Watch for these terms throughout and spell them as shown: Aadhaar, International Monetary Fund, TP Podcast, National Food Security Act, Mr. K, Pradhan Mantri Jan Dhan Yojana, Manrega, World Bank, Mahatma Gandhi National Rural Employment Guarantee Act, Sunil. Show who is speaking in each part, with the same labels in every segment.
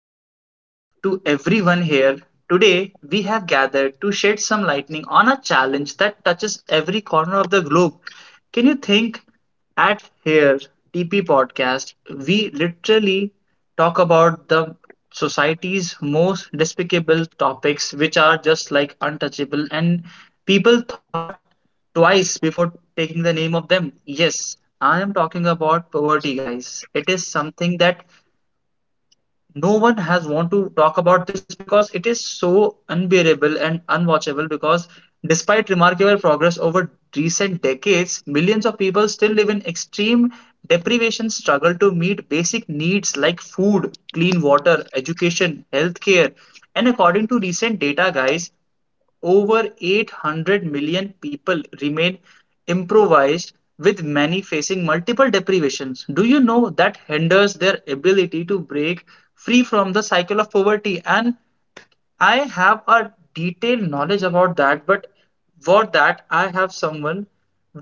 Speaker 1: evening to everyone here. Today, we have gathered to shed some lightning on a challenge that touches every corner of the globe. Can you think? At here, TP Podcast, we literally talk about the society's most despicable topics, which are just like untouchable, and people thought twice before taking the name of them. Yes, I am talking about poverty, guys. It is something that no one has want to talk about this because it is so unbearable and unwatchable because despite remarkable progress over recent decades, millions of people still live in extreme deprivation struggle to meet basic needs like food, clean water, education, healthcare. And according to recent data, guys, over 800 million people remain improvised, with many facing multiple deprivations. Do you know that hinders their ability to break free from the cycle of poverty? And I have a detailed knowledge about that, but for that, I have someone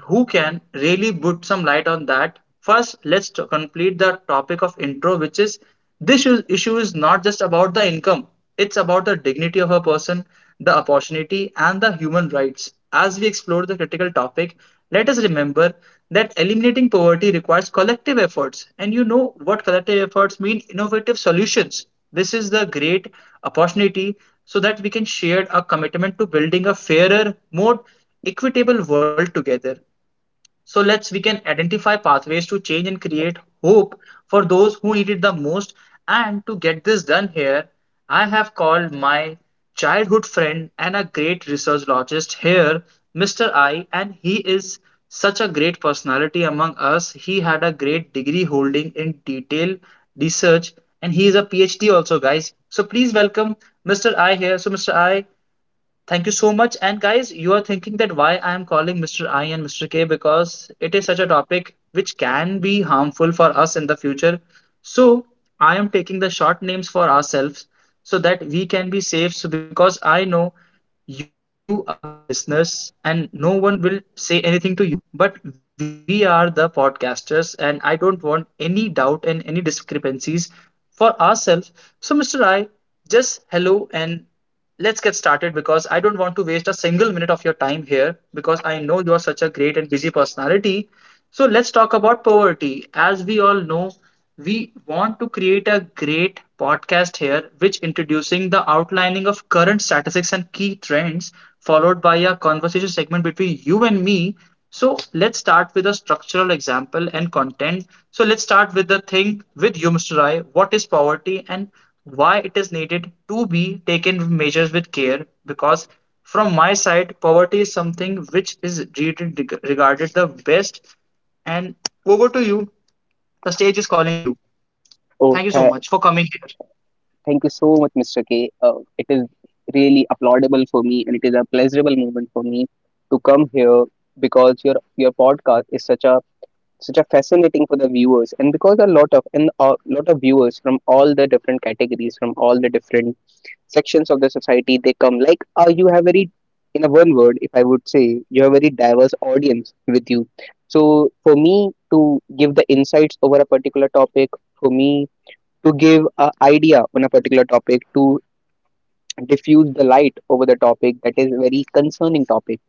Speaker 1: who can really put some light on that. First, let's complete the topic of intro, which is this issue is not just about the income, it's about the dignity of a person, the opportunity, and the human rights. As we explore the critical topic, let us remember that eliminating poverty requires collective efforts. And you know what collective efforts mean? Innovative solutions. This is the great opportunity so that we can share a commitment to building a fairer, more equitable world together. So let's we can identify pathways to change and create hope for those who need it the most. And to get this done here, I have called my childhood friend and a great researchologist here, Mr. I, and he is such a great personality among us. He had a great degree holding in detail research, and he is a PhD also, guys. So please welcome Mr. I here. So Mr. I, thank you so much. And guys, you are thinking that why I am calling Mr. I and Mr. K, because it is such a topic which can be harmful for us in the future. So I am taking the short names for ourselves so that we can be safe. So because I know you are the listeners and no one will say anything to you, but we are the podcasters and I don't want any doubt and any discrepancies for ourselves. So Mr. I, just hello and let's get started, because I don't want to waste a single minute of your time here because I know you are such a great and busy personality. So let's talk about poverty. As we all know, we want to create a great podcast here which introducing the outlining of current statistics and key trends followed by a conversation segment between you and me. So let's start with a structural example and content. So let's start with the thing with you, Mr. Rai. What is poverty, and why it is needed to be taken measures with care? Because from my side, poverty is something which is regarded the best, and over to you. The stage is calling you. Thank you
Speaker 2: Oh,
Speaker 1: so
Speaker 2: tha
Speaker 1: much for coming here.
Speaker 2: Thank you so much, Mr. K. It is really applaudable for me, and it is a pleasurable moment for me to come here because your podcast is such a such a fascinating for the viewers, and because a lot of and a lot of viewers from all the different categories, from all the different sections of the society, they come. Like, you have very, in a one word, if I would say, you have very diverse audience with you. So for me to give the insights over a particular topic, for me to give an idea on a particular topic, to diffuse the light over the topic that is a very concerning topic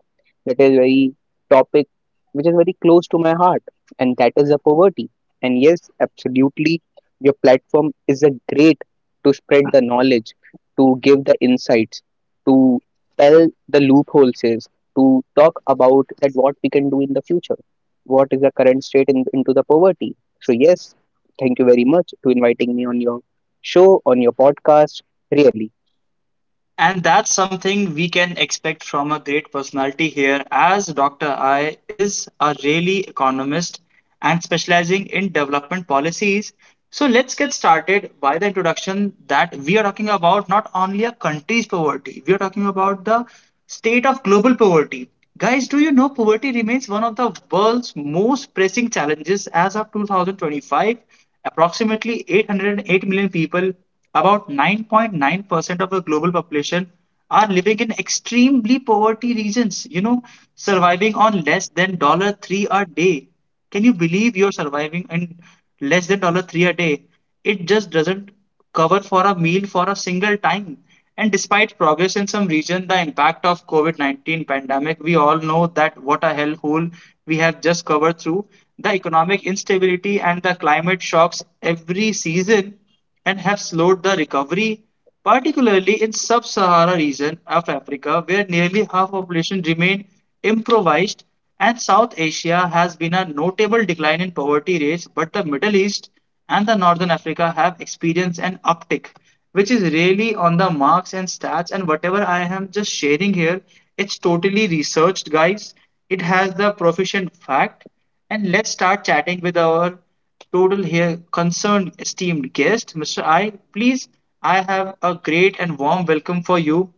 Speaker 2: that is very topic which is very close to my heart, and that is the poverty. And yes, absolutely, your platform is a great to spread the knowledge, to give the insights, to tell the loopholes, is, to talk about that what we can do in the future, what is the current state in, into the poverty. So yes, thank you very much to inviting me on your show, on your podcast. Really,
Speaker 1: And that's something we can expect from a great personality here, as Dr. I is a really economist and specializing in development policies. So let's get started by the introduction that we are talking about not only a country's poverty, we are talking about the state of global poverty. Guys, do you know poverty remains one of the world's most pressing challenges as of 2025? Approximately 808 million people, about 9.9% of the global population, are living in extremely poverty regions, you know, surviving on less than $3 a day. Can you believe you're surviving and less than dollar three a day? It just doesn't cover for a meal for a single time. And despite progress in some region, the impact of COVID-19 pandemic, we all know that what a hellhole we have just covered through, the economic instability and the climate shocks every season and have slowed the recovery, particularly in sub-Saharan region of Africa where nearly half population remained impoverished. And South Asia has been a notable decline in poverty rates, but the Middle East and the Northern Africa have experienced an uptick, which is really on the marks and stats, and whatever I am just sharing here, it's totally researched, guys. It has the proficient fact. And let's start chatting with our total here concerned esteemed guest. Mr. I, please, I have a great and warm welcome for you,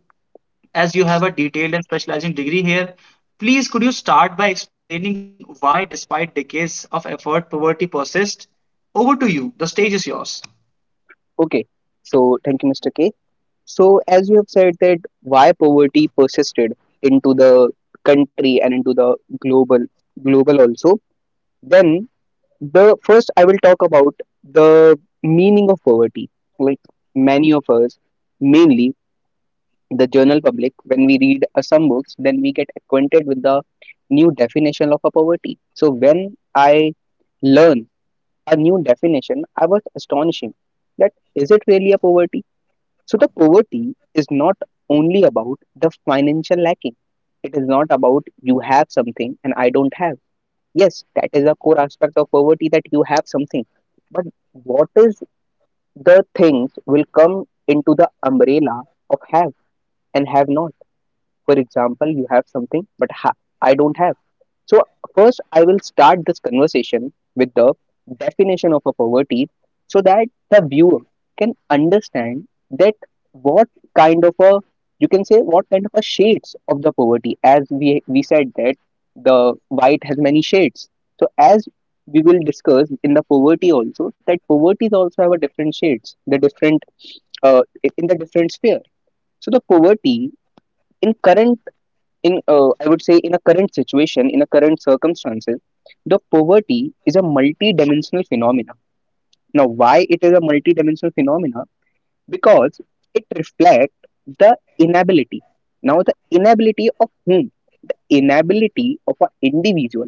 Speaker 1: as you have a detailed and specializing degree here. Please, could you start by explaining why, despite decades of effort, poverty persists? Over to you. The stage is yours.
Speaker 2: okay. So thank you, Mr. K. So, as you have said that why poverty persisted into the country and into the global also, then the first I will talk about the meaning of poverty. Like many of us, mainly the general public, when we read some books, then we get acquainted with the new definition of a poverty. So when I learn a new definition, I was astonishing that is it really a poverty? So the poverty is not only about the financial lacking. It is not about you have something and I don't have. Yes, that is a core aspect of poverty that you have something. But what is the things will come into the umbrella of have and have not? For example, you have something but I don't have. So first I will start this conversation with the definition of a poverty so that the viewer can understand that what kind of a you can say what kind of a shades of the poverty, as we said that the white has many shades. So as we will discuss in the poverty also, that poverty is also have a different shades, the different uh, in the different sphere. So the poverty in current, in I would say in a current situation, in a current circumstances, the poverty is a multi-dimensional phenomena. Now why it is a multi-dimensional phenomena? Because it reflects the inability, now the inability of whom, the inability of an individual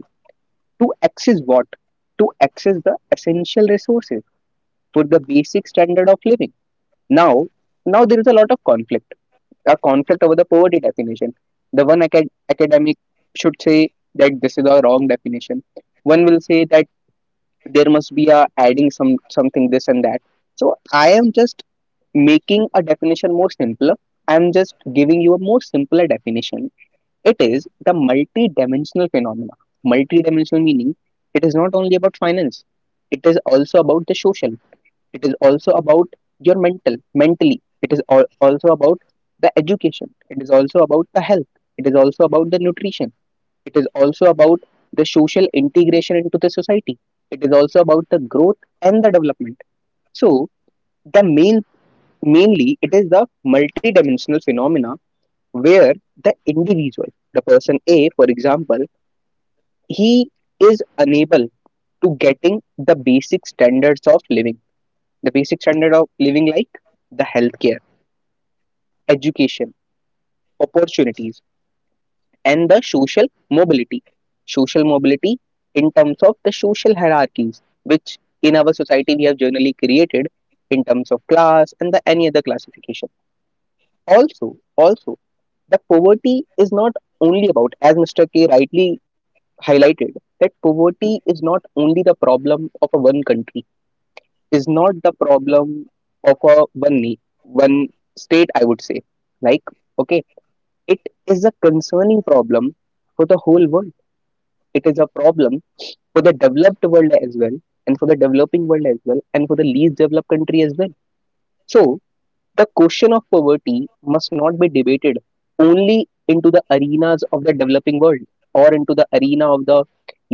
Speaker 2: to access what, to access the essential resources for the basic standard of living. Now now there is a lot of conflict, a conflict over the poverty definition. The one academic should say that this is a wrong definition. One will say that there must be a adding some something this and that. So I am just making a definition more simpler. I am just giving you a more simpler definition. It is the multi-dimensional phenomena. Multi-dimensional meaning it is not only about finance. It is also about the social, it is also about your mentally it is also about the education, it is also about the health, it is also about the nutrition, it is also about the social integration into the society, it is also about the growth and the development. So the main mainly it is the multidimensional phenomena where the individual, the person, a for example, he is unable to getting the basic standards of living, the basic standard of living like the healthcare, education, opportunities, and the social mobility. Social mobility in terms of the social hierarchies, which in our society we have generally created in terms of class and the any other classification. Also, also the poverty is not only about, as Mr. K rightly highlighted, that poverty is not only the problem of a one country, is not the problem of a one state, I would say. Like, okay, it is a concerning problem for the whole world. It is a problem for the developed world as well, and for the developing world as well, and for the least developed country as well. So, the question of poverty must not be debated only into the arenas of the developing world or into the arena of the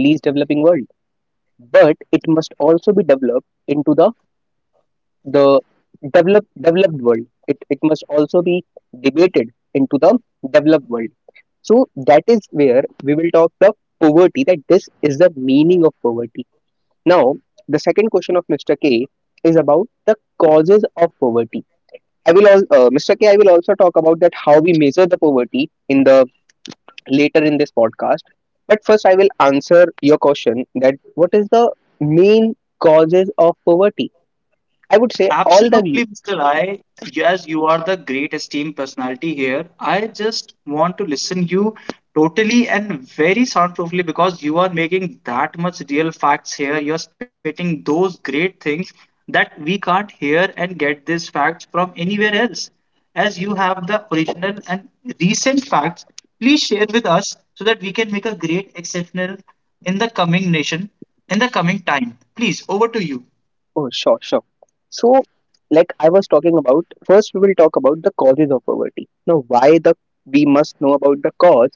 Speaker 2: least developing world, but it must also be developed into the developed world. It must also be debated into the developed world. So that is where we will talk the poverty. That this is the meaning of poverty. Now the second question of Mr. K is about the causes of poverty. I will all, Mr. K. I will also talk about that how we measure the poverty in the later in this podcast. But first, I will answer your question that what is the main causes of poverty? I would say all the
Speaker 1: Absolutely, Mr. I. Yes, you are the great esteemed personality here. I just want to listen you totally and very soundproofly, because you are making that much real facts here. You are spitting those great things that we can't hear and get these facts from anywhere else. As you have the original and recent facts, please share with us so that we can make a great exceptional in the coming nation, in the coming time. Please, over to you.
Speaker 2: oh, sure, sure. So, like I was talking about, first we will talk about the causes of poverty. Now, why the we must know about the cause?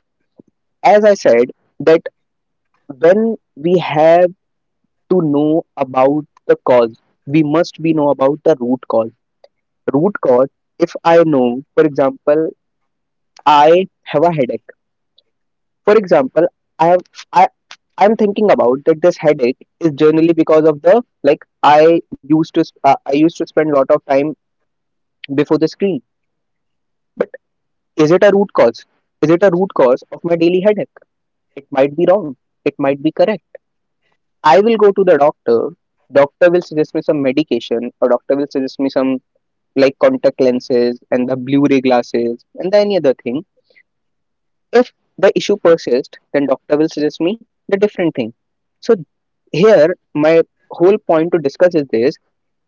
Speaker 2: As I said, that when we have to know about the cause, we must be know about the root cause. Root cause. If I know, for example, I have a headache. For example, I have I I'm thinking about that this headache is generally because of the like I used to I used to spend a lot of time before the screen. Is it a root cause? Is it a root cause of my daily headache? It might be wrong. It might be correct. I will go to the doctor. Doctor will suggest me some medication, or doctor will suggest me some like contact lenses and the Blu-ray glasses and the any other thing. If the issue persists, then doctor will suggest me the different thing. So here my whole point to discuss is this,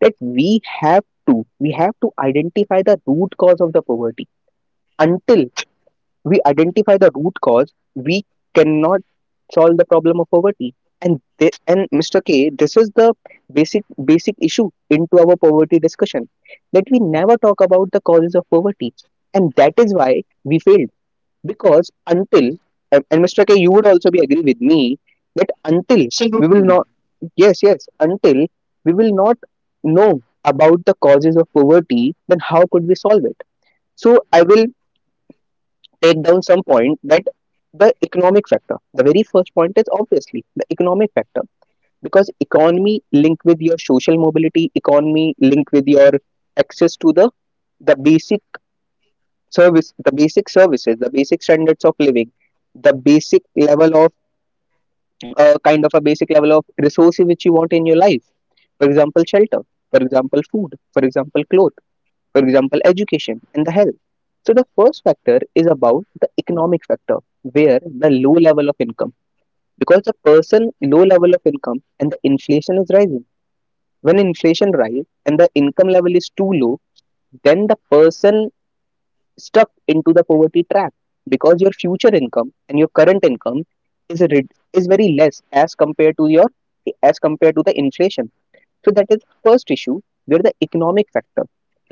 Speaker 2: that we have to identify the root cause of the poverty. Until we identify the root cause, we cannot solve the problem of poverty. And and Mr. K, this is the basic issue into our poverty discussion, that we never talk about the causes of poverty, and that is why we failed because until and Mr. K, you would also be agree with me that until we
Speaker 1: Salute
Speaker 2: will
Speaker 1: to you.
Speaker 2: not, yes yes, until we will not know about the causes of poverty, then how could we solve it? So I will take down some point that the economic factor, the very first point is obviously the economic factor because economy linked with your social mobility, economy linked with your access to the basic service, the basic services, the basic standards of living, the basic level of kind of a basic level of resources which you want in your life, for example shelter, for example food, for example clothes, for example education and the health. So the first factor is about the economic factor, where the low level of income, because the person low level of income and the inflation is rising. When inflation rise and the income level is too low, then the person stuck into the poverty trap because your future income and your current income is rid- is very less as compared to your as compared to the inflation. So that is first issue where the economic factor,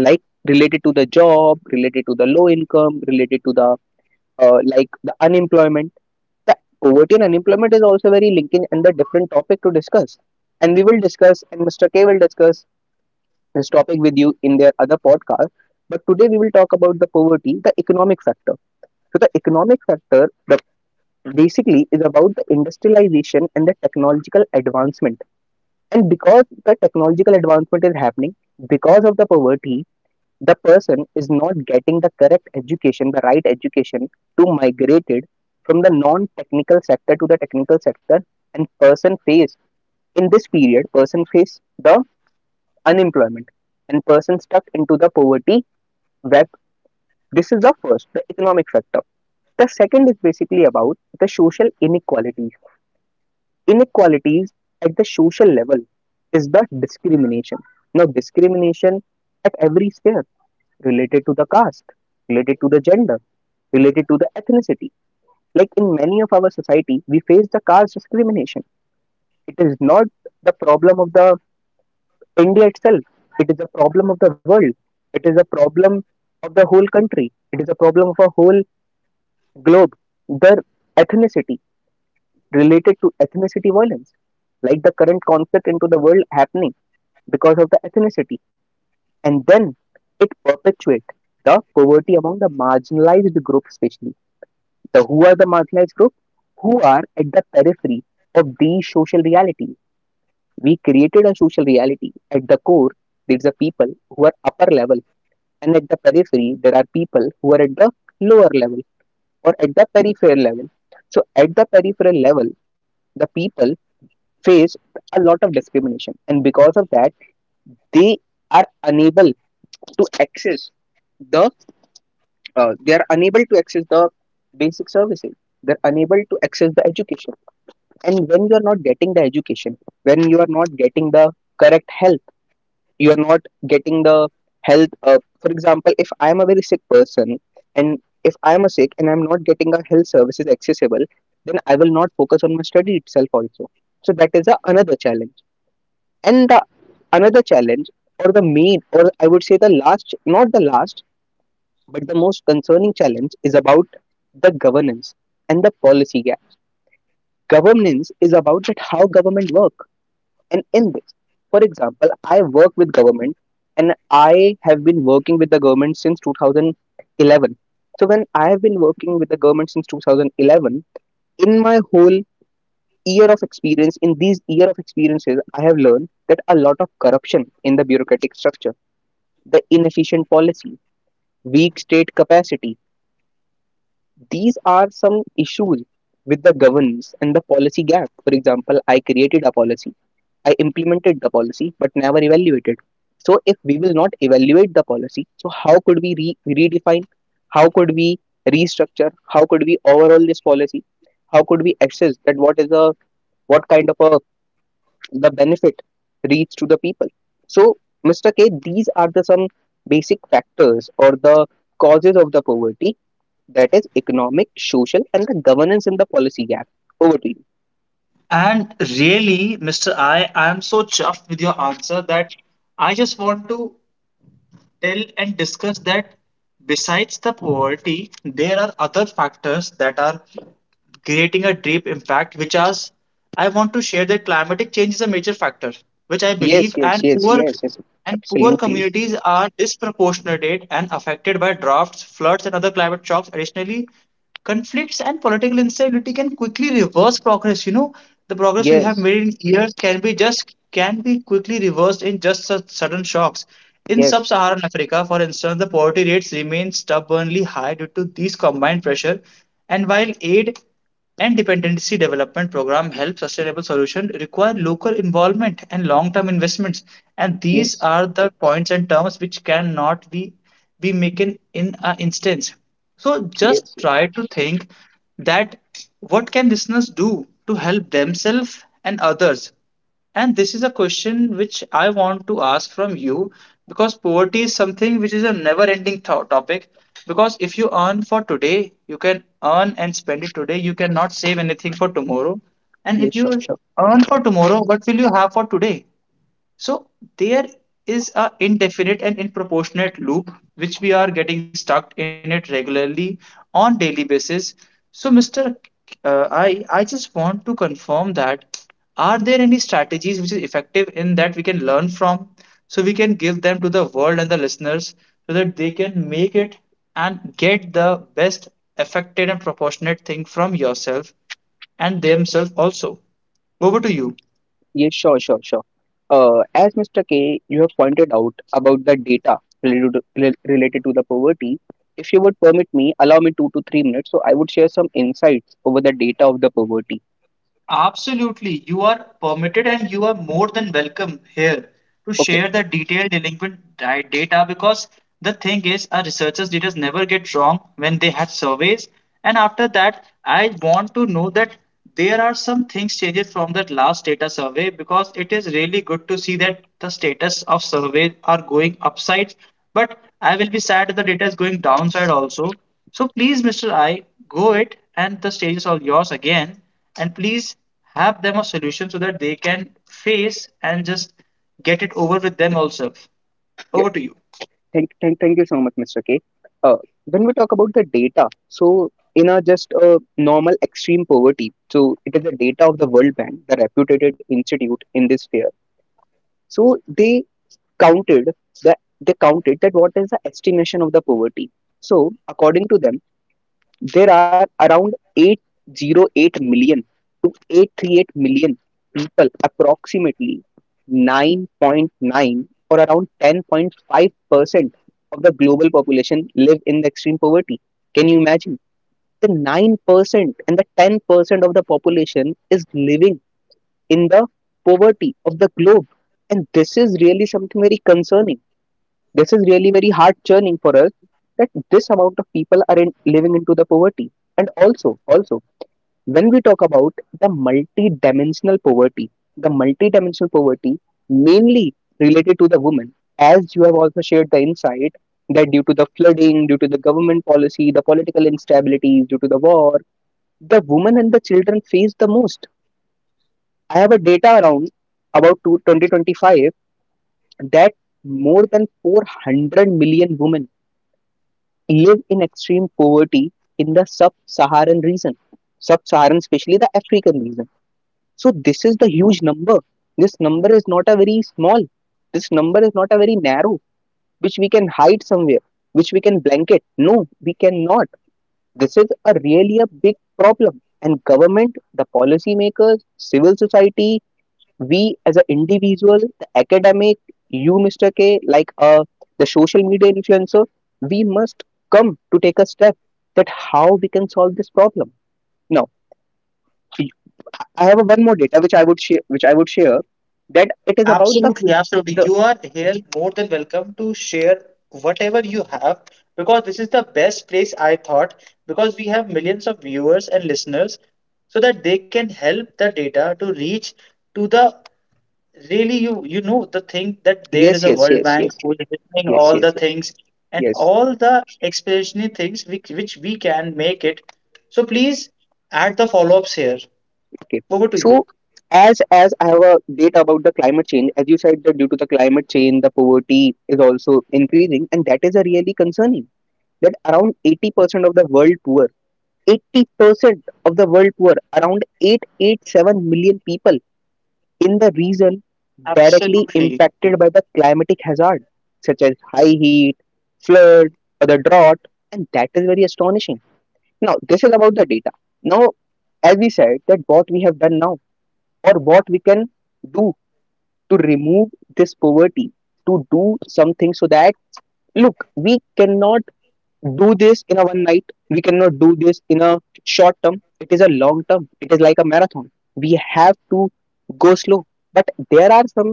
Speaker 2: like related to the job, related to the low income, related to the like the unemployment. The poverty and unemployment is also very linking and the different topic to discuss. And we will discuss, and Mr. K will discuss this topic with you in their other podcast. But today we will talk about the poverty, the economic factor. So the economic factor, the basically is about the industrialization and the technological advancement. And because the technological advancement is happening because of the poverty, the person is not getting the correct education, the right education to migrated from the non-technical sector to the technical sector, and person face in this period person face the unemployment and person stuck into the poverty web. This is the first the economic factor. The second is basically about the social inequalities. Inequalities at the social level is the discrimination. Now discrimination at every sphere related to the caste, related to the gender, related to the ethnicity. Like in many of our society, we face the caste discrimination. It is not the problem of the India itself. It is a problem of the world. It is a problem of the whole country. It is a problem of a whole globe. The ethnicity related to ethnicity violence, like the current conflict into the world happening because of the ethnicity, and then it perpetuates the poverty among the marginalized group, especially the who are the marginalized group, who are at the periphery of the social reality. We created a social reality. At the core there's a people who are upper level, and at the periphery there are people who are at the lower level or at the peripheral level. So at the peripheral level the people face a lot of discrimination, and because of that they are unable to access the they are unable to access the basic services. They're unable to access the education. And when you are not getting the education, when you are not getting the correct help, you are not getting the health. For example, if I am a very sick person, and if I am a sick and I'm not getting a health services accessible, then I will not focus on my study itself also. So that is another challenge. And the another challenge, or the main, or I would say the last, not the last but the most concerning challenge, is about the governance and the policy gap. Governance is about that how government work. And in this, for example, I work with government, and I have been working with the government since 2011. So when I have been working with the government since 2011, in my whole year of experience, in these year of experiences, I have learned that a lot of corruption in the bureaucratic structure, the inefficient policy, weak state capacity, these are some issues with the governance and the policy gap. For example, I created a policy, I implemented the policy, but never evaluated. So, if we will not evaluate the policy, so how could we redefine? How could we restructure? How could we overhaul this policy? How could we assess that what is the what kind of a the benefit reach to the people? So, Mr. K, these are the some basic factors or the causes of the poverty, that is economic, social, and the governance in the policy gap. Over to you.
Speaker 1: And really, Mr. I am so chuffed with your answer that I just want to tell and discuss that besides the poverty, there are other factors that are creating a deep impact, which as I want to share that climatic change is a major factor, which I
Speaker 2: Yes,
Speaker 1: believe,
Speaker 2: yes, yes, yes, yes,
Speaker 1: and poor
Speaker 2: absolutely.
Speaker 1: communities are disproportionate and affected by droughts, floods, and other climate shocks. Additionally, conflicts and political instability can quickly reverse progress. You know, the progress we have
Speaker 2: Yes,
Speaker 1: made in years can be just can be quickly reversed in just such sudden shocks. In
Speaker 2: yes,
Speaker 1: sub-Saharan Africa, for instance, the poverty rates remain stubbornly high due to these combined pressure, and while aid and dependency development program help, sustainable solution require local involvement and long-term investments. And these
Speaker 2: yes,
Speaker 1: are the points and terms which cannot be be making in an instance. So just
Speaker 2: yes,
Speaker 1: try to think that what can listeners do to help themselves and others, and this is a question which I want to ask from you, because poverty is something which is a never ending topic. Because if you earn for today, you can earn and spend it today. You cannot save anything for tomorrow. And
Speaker 2: yes,
Speaker 1: if
Speaker 2: sure,
Speaker 1: you
Speaker 2: sure.
Speaker 1: earn for tomorrow, what will you have for today? So there is a indefinite and improportionate loop which we are getting stuck in it regularly on daily basis. So Mr. I just want to confirm that are there any strategies which is effective in that we can learn from, so we can give them to the world and the listeners so that they can make it and get the best affected and proportionate thing from yourself and themselves also. Over to you.
Speaker 2: Yes, sure, sure, sure. As Mr. K, you have pointed out about the data related to the poverty. If you would permit me, allow me 2 to 3 minutes, so I would share some insights over the data of the poverty.
Speaker 1: Absolutely. You are permitted and you are more than welcome here to
Speaker 2: Okay,
Speaker 1: share the detailed delinquent data, because the thing is, our researchers' data never get wrong when they had surveys. And after that, I want to know that there are some things changed from that last data survey, because it is really good to see that the status of surveys are going upsides. But I will be sad if the data is going downside also. So please, Mr. I, go it, and the stage is all yours again, and please have them a solution so that they can face and just get it over with them also.
Speaker 2: yeah.
Speaker 1: Over to you.
Speaker 2: Thank you so much, Mr. K. Uh, when we talk about the data, so in a just a normal extreme poverty, so it is the data of the World Bank, the reputed institute in this sphere. So they counted that what is the estimation of the poverty. So according to them, there are around 808 million to 838 million people, approximately 9.9 or around 10.5% of the global population live in the extreme poverty. Can you imagine? The 9% and the 10% of the population is living in the poverty of the globe. And this is really something very concerning. This is really very heart churning for us, that this amount of people are in, living into the poverty. And also, also, when we talk about the multi-dimensional poverty mainly related to the women, as you have also shared the insight that due to the flooding, due to the government policy, the political instability, due to the war, the women and the children face the most. I have a data around about two 2025 that more than 400 million women live in extreme poverty in the sub-Saharan region, sub-Saharan, especially the African region. So this is the huge number. This number is not a very small. This number is not a very narrow, which we can hide somewhere, which we can blanket. No, we cannot. This is a really a big problem. And government, the policy makers, civil society, we as an individual, the academic, you, Mr. K, like the social media influencer, we must come to take a step that how we can solve this problem. Now, I have a one more data which I would share, which I would share that it is about the
Speaker 1: Absolutely, absolutely.
Speaker 2: the
Speaker 1: You are here more than welcome to share whatever you have, because this is the best place I thought, because we have millions of viewers and listeners so that they can help the data to reach to the really, you know the thing that there
Speaker 2: yes,
Speaker 1: is a
Speaker 2: yes,
Speaker 1: World
Speaker 2: yes,
Speaker 1: Bank
Speaker 2: yes,
Speaker 1: who is doing
Speaker 2: yes,
Speaker 1: all
Speaker 2: yes,
Speaker 1: the
Speaker 2: yes,
Speaker 1: things and
Speaker 2: yes.
Speaker 1: all the explanatory things which we can make it. So please add the follow-ups here.
Speaker 2: Okay.
Speaker 1: Over to you.
Speaker 2: So as I have a data about the climate change, as you said that due to the climate change, the poverty is also increasing, and that is a really concerning that around 80% of the world poor, 80% of the world poor, around 887 million people in the region directly
Speaker 1: Absolutely.
Speaker 2: impacted by the climatic hazard, such as high heat, flood, or the drought, and that is very astonishing. Now, this is about the data. Now, as we said, that what we have done now, or what we can do to remove this poverty, to do something so that look, we cannot do this in a one night, we cannot do this in a short term. It is a long term. It is like a marathon. We have to go slow, but there are some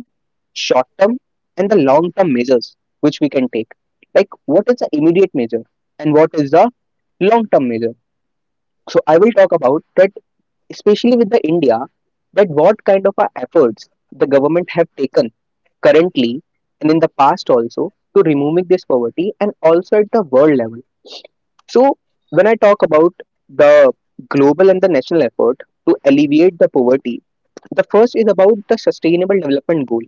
Speaker 2: short term and the long term measures which we can take, like what is the immediate measure and what is the long term measure. So I will talk about that, especially with the India, that what kind of efforts the government have taken currently and in the past also to removing this poverty, and also at the world level. So, when I talk about the global and the national effort to alleviate the poverty, the first is about the sustainable development goal.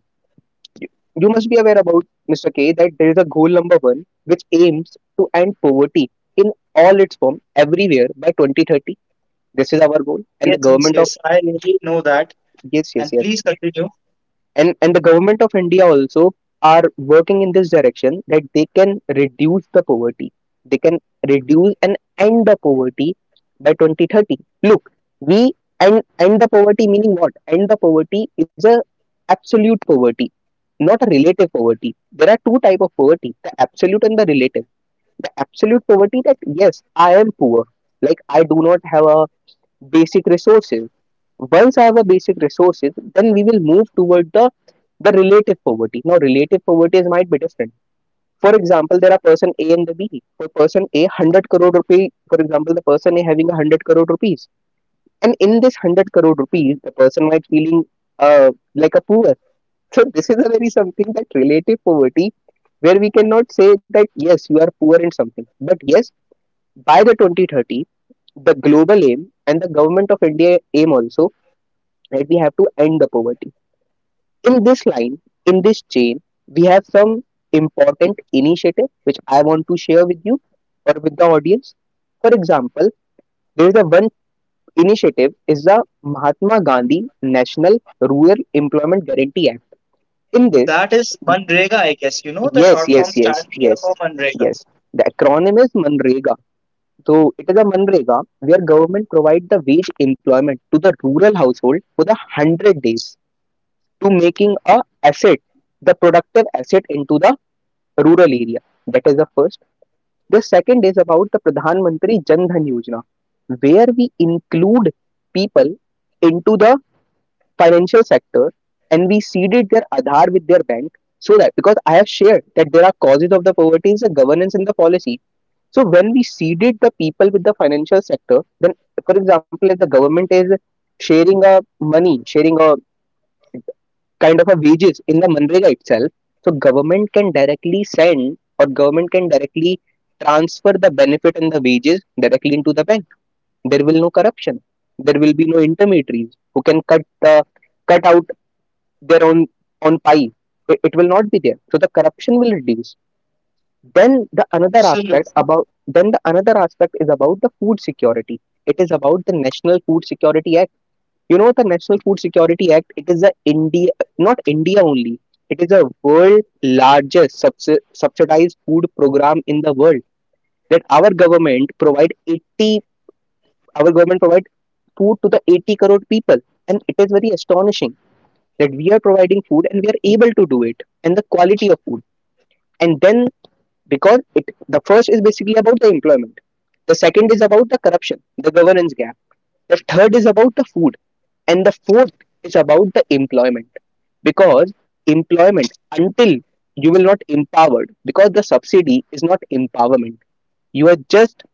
Speaker 2: You must be aware about, Mr. K, that there is a goal number one which aims to end poverty in all its form everywhere by 2030. This is our goal, and the
Speaker 1: Yes, yes,
Speaker 2: government of
Speaker 1: yes. I really know that.
Speaker 2: yes, yes,
Speaker 1: And
Speaker 2: yes.
Speaker 1: please continue.
Speaker 2: And the government of India also are working in this direction, that they can reduce the poverty, they can reduce and end the poverty by 2030. Look, we end, end the poverty, meaning what? End the poverty is a absolute poverty, not a relative poverty. There are two type of poverty, the absolute and the relative. The absolute poverty, that yes, I am poor, like I do not have a basic resources. Once I have a basic resources, then we will move toward the relative poverty. Now, relative poverty might be different. For example, there are person A and the B. For person A, 100 crore rupee. For example, the person A having a hundred crore rupees, and in this 100 crore rupees, the person might feeling like a poor. So this is a very something, that relative poverty, where we cannot say that yes you are poor in something, but yes, by the 2030 the global aim and the government of India aim also that we have to end the poverty. In this line, in this chain, we have some important initiative which I want to share with you or with the audience. For example, there is a one initiative is the Mahatma Gandhi National Rural Employment Guarantee Act. In this,
Speaker 1: That is Manrega, I guess. You know the
Speaker 2: yes,
Speaker 1: short
Speaker 2: yes,
Speaker 1: form stand
Speaker 2: yes,
Speaker 1: here for
Speaker 2: yes,
Speaker 1: Manrega.
Speaker 2: yes. The acronym is MNREGA. So it is a MNREGA where government provide the wage employment to the rural household for the 100 days, to making a asset, the productive asset into the rural area. That is the first. The second is about the Pradhan Mantri Jan Dhan Yojana, where we include people into the financial sector, and we seeded their Aadhaar with their bank, so that because I have shared that there are causes of the poverty is the governance and the policy. So when we seeded the people with the financial sector, then for example, if the government is sharing a money, sharing a kind of a wages in the manrega itself, so government can directly send, or government can directly transfer the benefit and the wages directly into the bank. There will no corruption. There will be no intermediaries who can cut out their own pie. It will not be there, so the corruption will reduce. then the another aspect
Speaker 1: Absolutely.
Speaker 2: about then the another aspect is about the food security. It is about the National Food Security Act. You know the National Food Security Act. It is a India, not India only. It is a world largest subsidized food program in the world, that our government provide our government provide food to the 80 crore people. And it is very astonishing that we are providing food, and we are able to do it, and the quality of food. And then, because it, the first is basically about the employment, the second is about the corruption, the governance gap, the third is about the food, and the fourth is about the employment. Because employment, until you will not empowered, because the subsidy is not empowerment. You are just,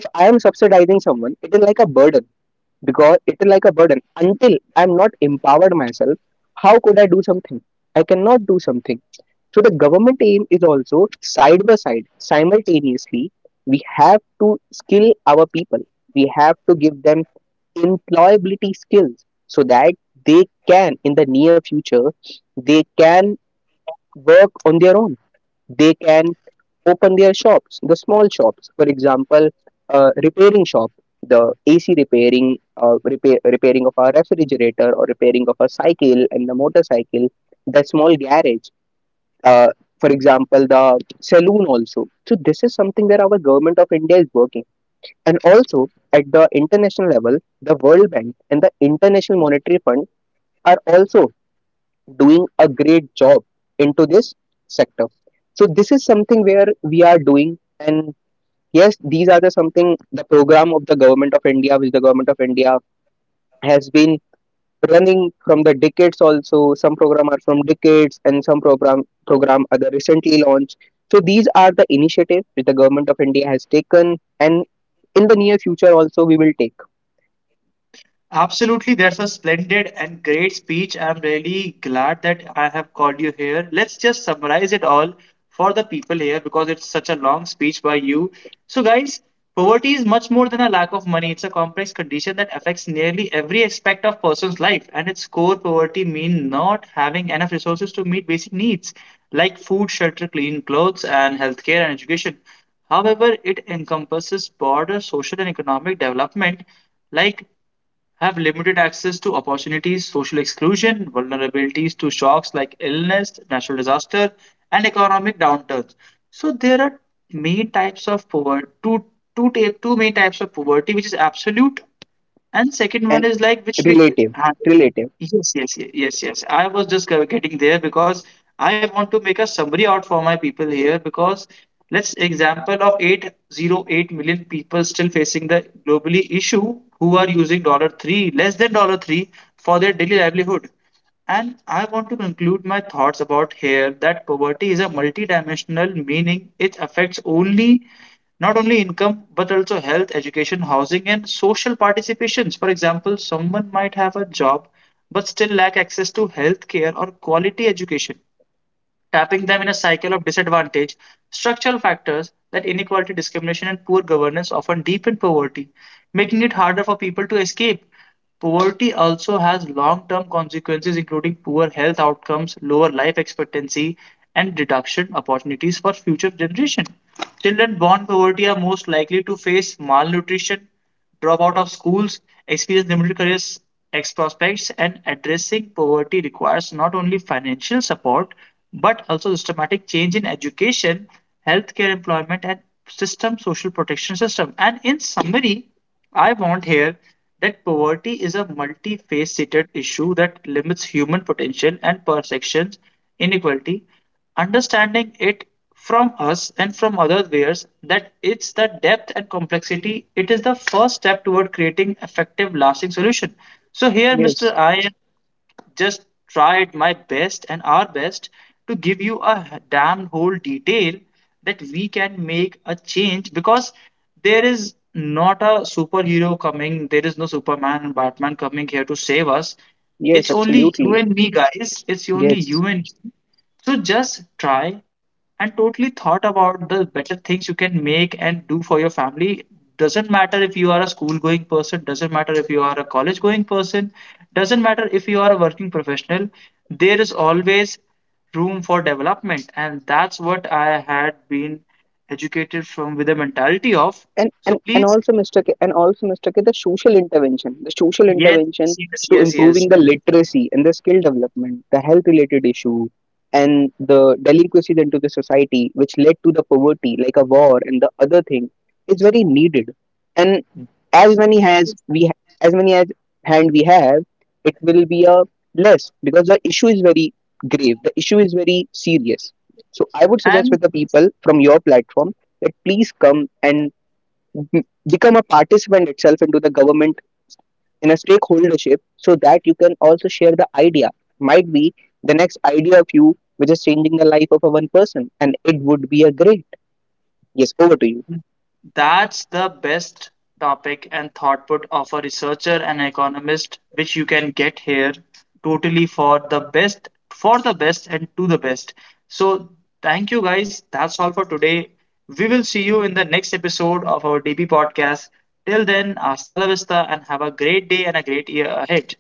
Speaker 2: if I am subsidizing someone, it is like a burden. Because it is like a burden until I am not empowered myself, how could I do something? I cannot do something. So the government aim is also side by side, simultaneously, we have to skill our people. We have to give them employability skills so that they can in the near future, they can work on their own, they can open their shops, the small shops, for example, repairing shop, the AC repairing, repairing of our refrigerator, or repairing of a cycle and the motorcycle, the small garage, uh, for example, the saloon also. So this is something that our government of India is working. And also at the international level, the World Bank and the International Monetary Fund are also doing a great job into this sector. So this is something where we are doing. And yes, these are the something the program of the government of India, which the government of India has been running from the decades also. Some program are from decades, and some program are the recently launched. So these are the initiatives which the government of India has taken, and in the near future also we will take
Speaker 1: Absolutely, that's a splendid and great speech. I'm really glad that I have called you here. Let's just summarize it all for the people here because it's such a long speech by you. So, guys, poverty is much more than a lack of money. It's a complex condition that affects nearly every aspect of person's life, and its core poverty mean not having enough resources to meet basic needs like food, shelter, clean clothes, and healthcare and education. However, it encompasses broader social and economic development like have limited access to opportunities, social exclusion, vulnerabilities to shocks like illness, natural disaster, and economic downturns. So there are main types of poverty, two main types of poverty, which is absolute and second one
Speaker 2: and
Speaker 1: is like which we
Speaker 2: relative, relative,
Speaker 1: yes, yes. I was just getting there because I want to make a summary out for my people here. Because let's example of 808 million people still facing the globally issue who are using dollar 3, less than dollar 3 for their daily livelihood. And I want to conclude my thoughts about here that poverty is a multidimensional meaning. It affects only not only income but also health, education, housing, and social participations. For example, someone might have a job but still lack access to health care or quality education, tapping them in a cycle of disadvantage. Structural factors that inequality, discrimination, and poor governance often deepen poverty, making it harder for people to escape. Poverty also has long term consequences, including poor health outcomes, lower life expectancy, and reduction opportunities for future generation. Children born poverty are most likely to face malnutrition, drop out of schools, experience limited career ex prospects, and addressing poverty requires not only financial support but also systematic change in education, healthcare, employment, and system social protection system. And in summary, I want here that poverty is a multifaceted issue that limits human potential and perceptions inequality. Understanding it from us and from other layers that it's the depth and complexity, it is the first step toward creating effective lasting solution. So here,
Speaker 2: yes,
Speaker 1: Mr. I am just tried my best and our best to give you a damn whole detail that we can make a change, because there is not a superhero coming, there is no Superman and Batman coming here to save us.
Speaker 2: yes,
Speaker 1: It's only you
Speaker 2: absolutely,
Speaker 1: and me, guys. It's only
Speaker 2: yes.
Speaker 1: you and me. So just try and totally thought about the better things you can make and do for your family. Doesn't matter if you are a school going person, doesn't matter if you are a college going person, doesn't matter if you are a working professional, there is always room for development. And that's what I had been educated from with the mentality of.
Speaker 2: and
Speaker 1: So
Speaker 2: and and
Speaker 1: please,
Speaker 2: also Mr. K, the social intervention the social
Speaker 1: yes,
Speaker 2: intervention
Speaker 1: yes,
Speaker 2: to
Speaker 1: yes, yes.
Speaker 2: improving the literacy and the skill development, the health related issue, and the delinquency into the society which led to the poverty, like a war and the other thing, is very needed. And as many has we ha- as many as hand we have, it will be a less, because the issue is very grave, the issue is very serious. So I would suggest
Speaker 1: And
Speaker 2: with the people from your platform that please come and m- become a participant itself into the government in a stakeholdership, so that you can also share the idea. Might be the next idea of you which is changing the life of a one person, and it would be a great. Yes, over to you.
Speaker 1: that's the best topic and output of a researcher and economist, which you can get here totally for the best, and to the best. So, thank you guys. That's all for today. We will see you in the next episode of our DB podcast. Till then, hasta la vista, and have a great day and a great year ahead.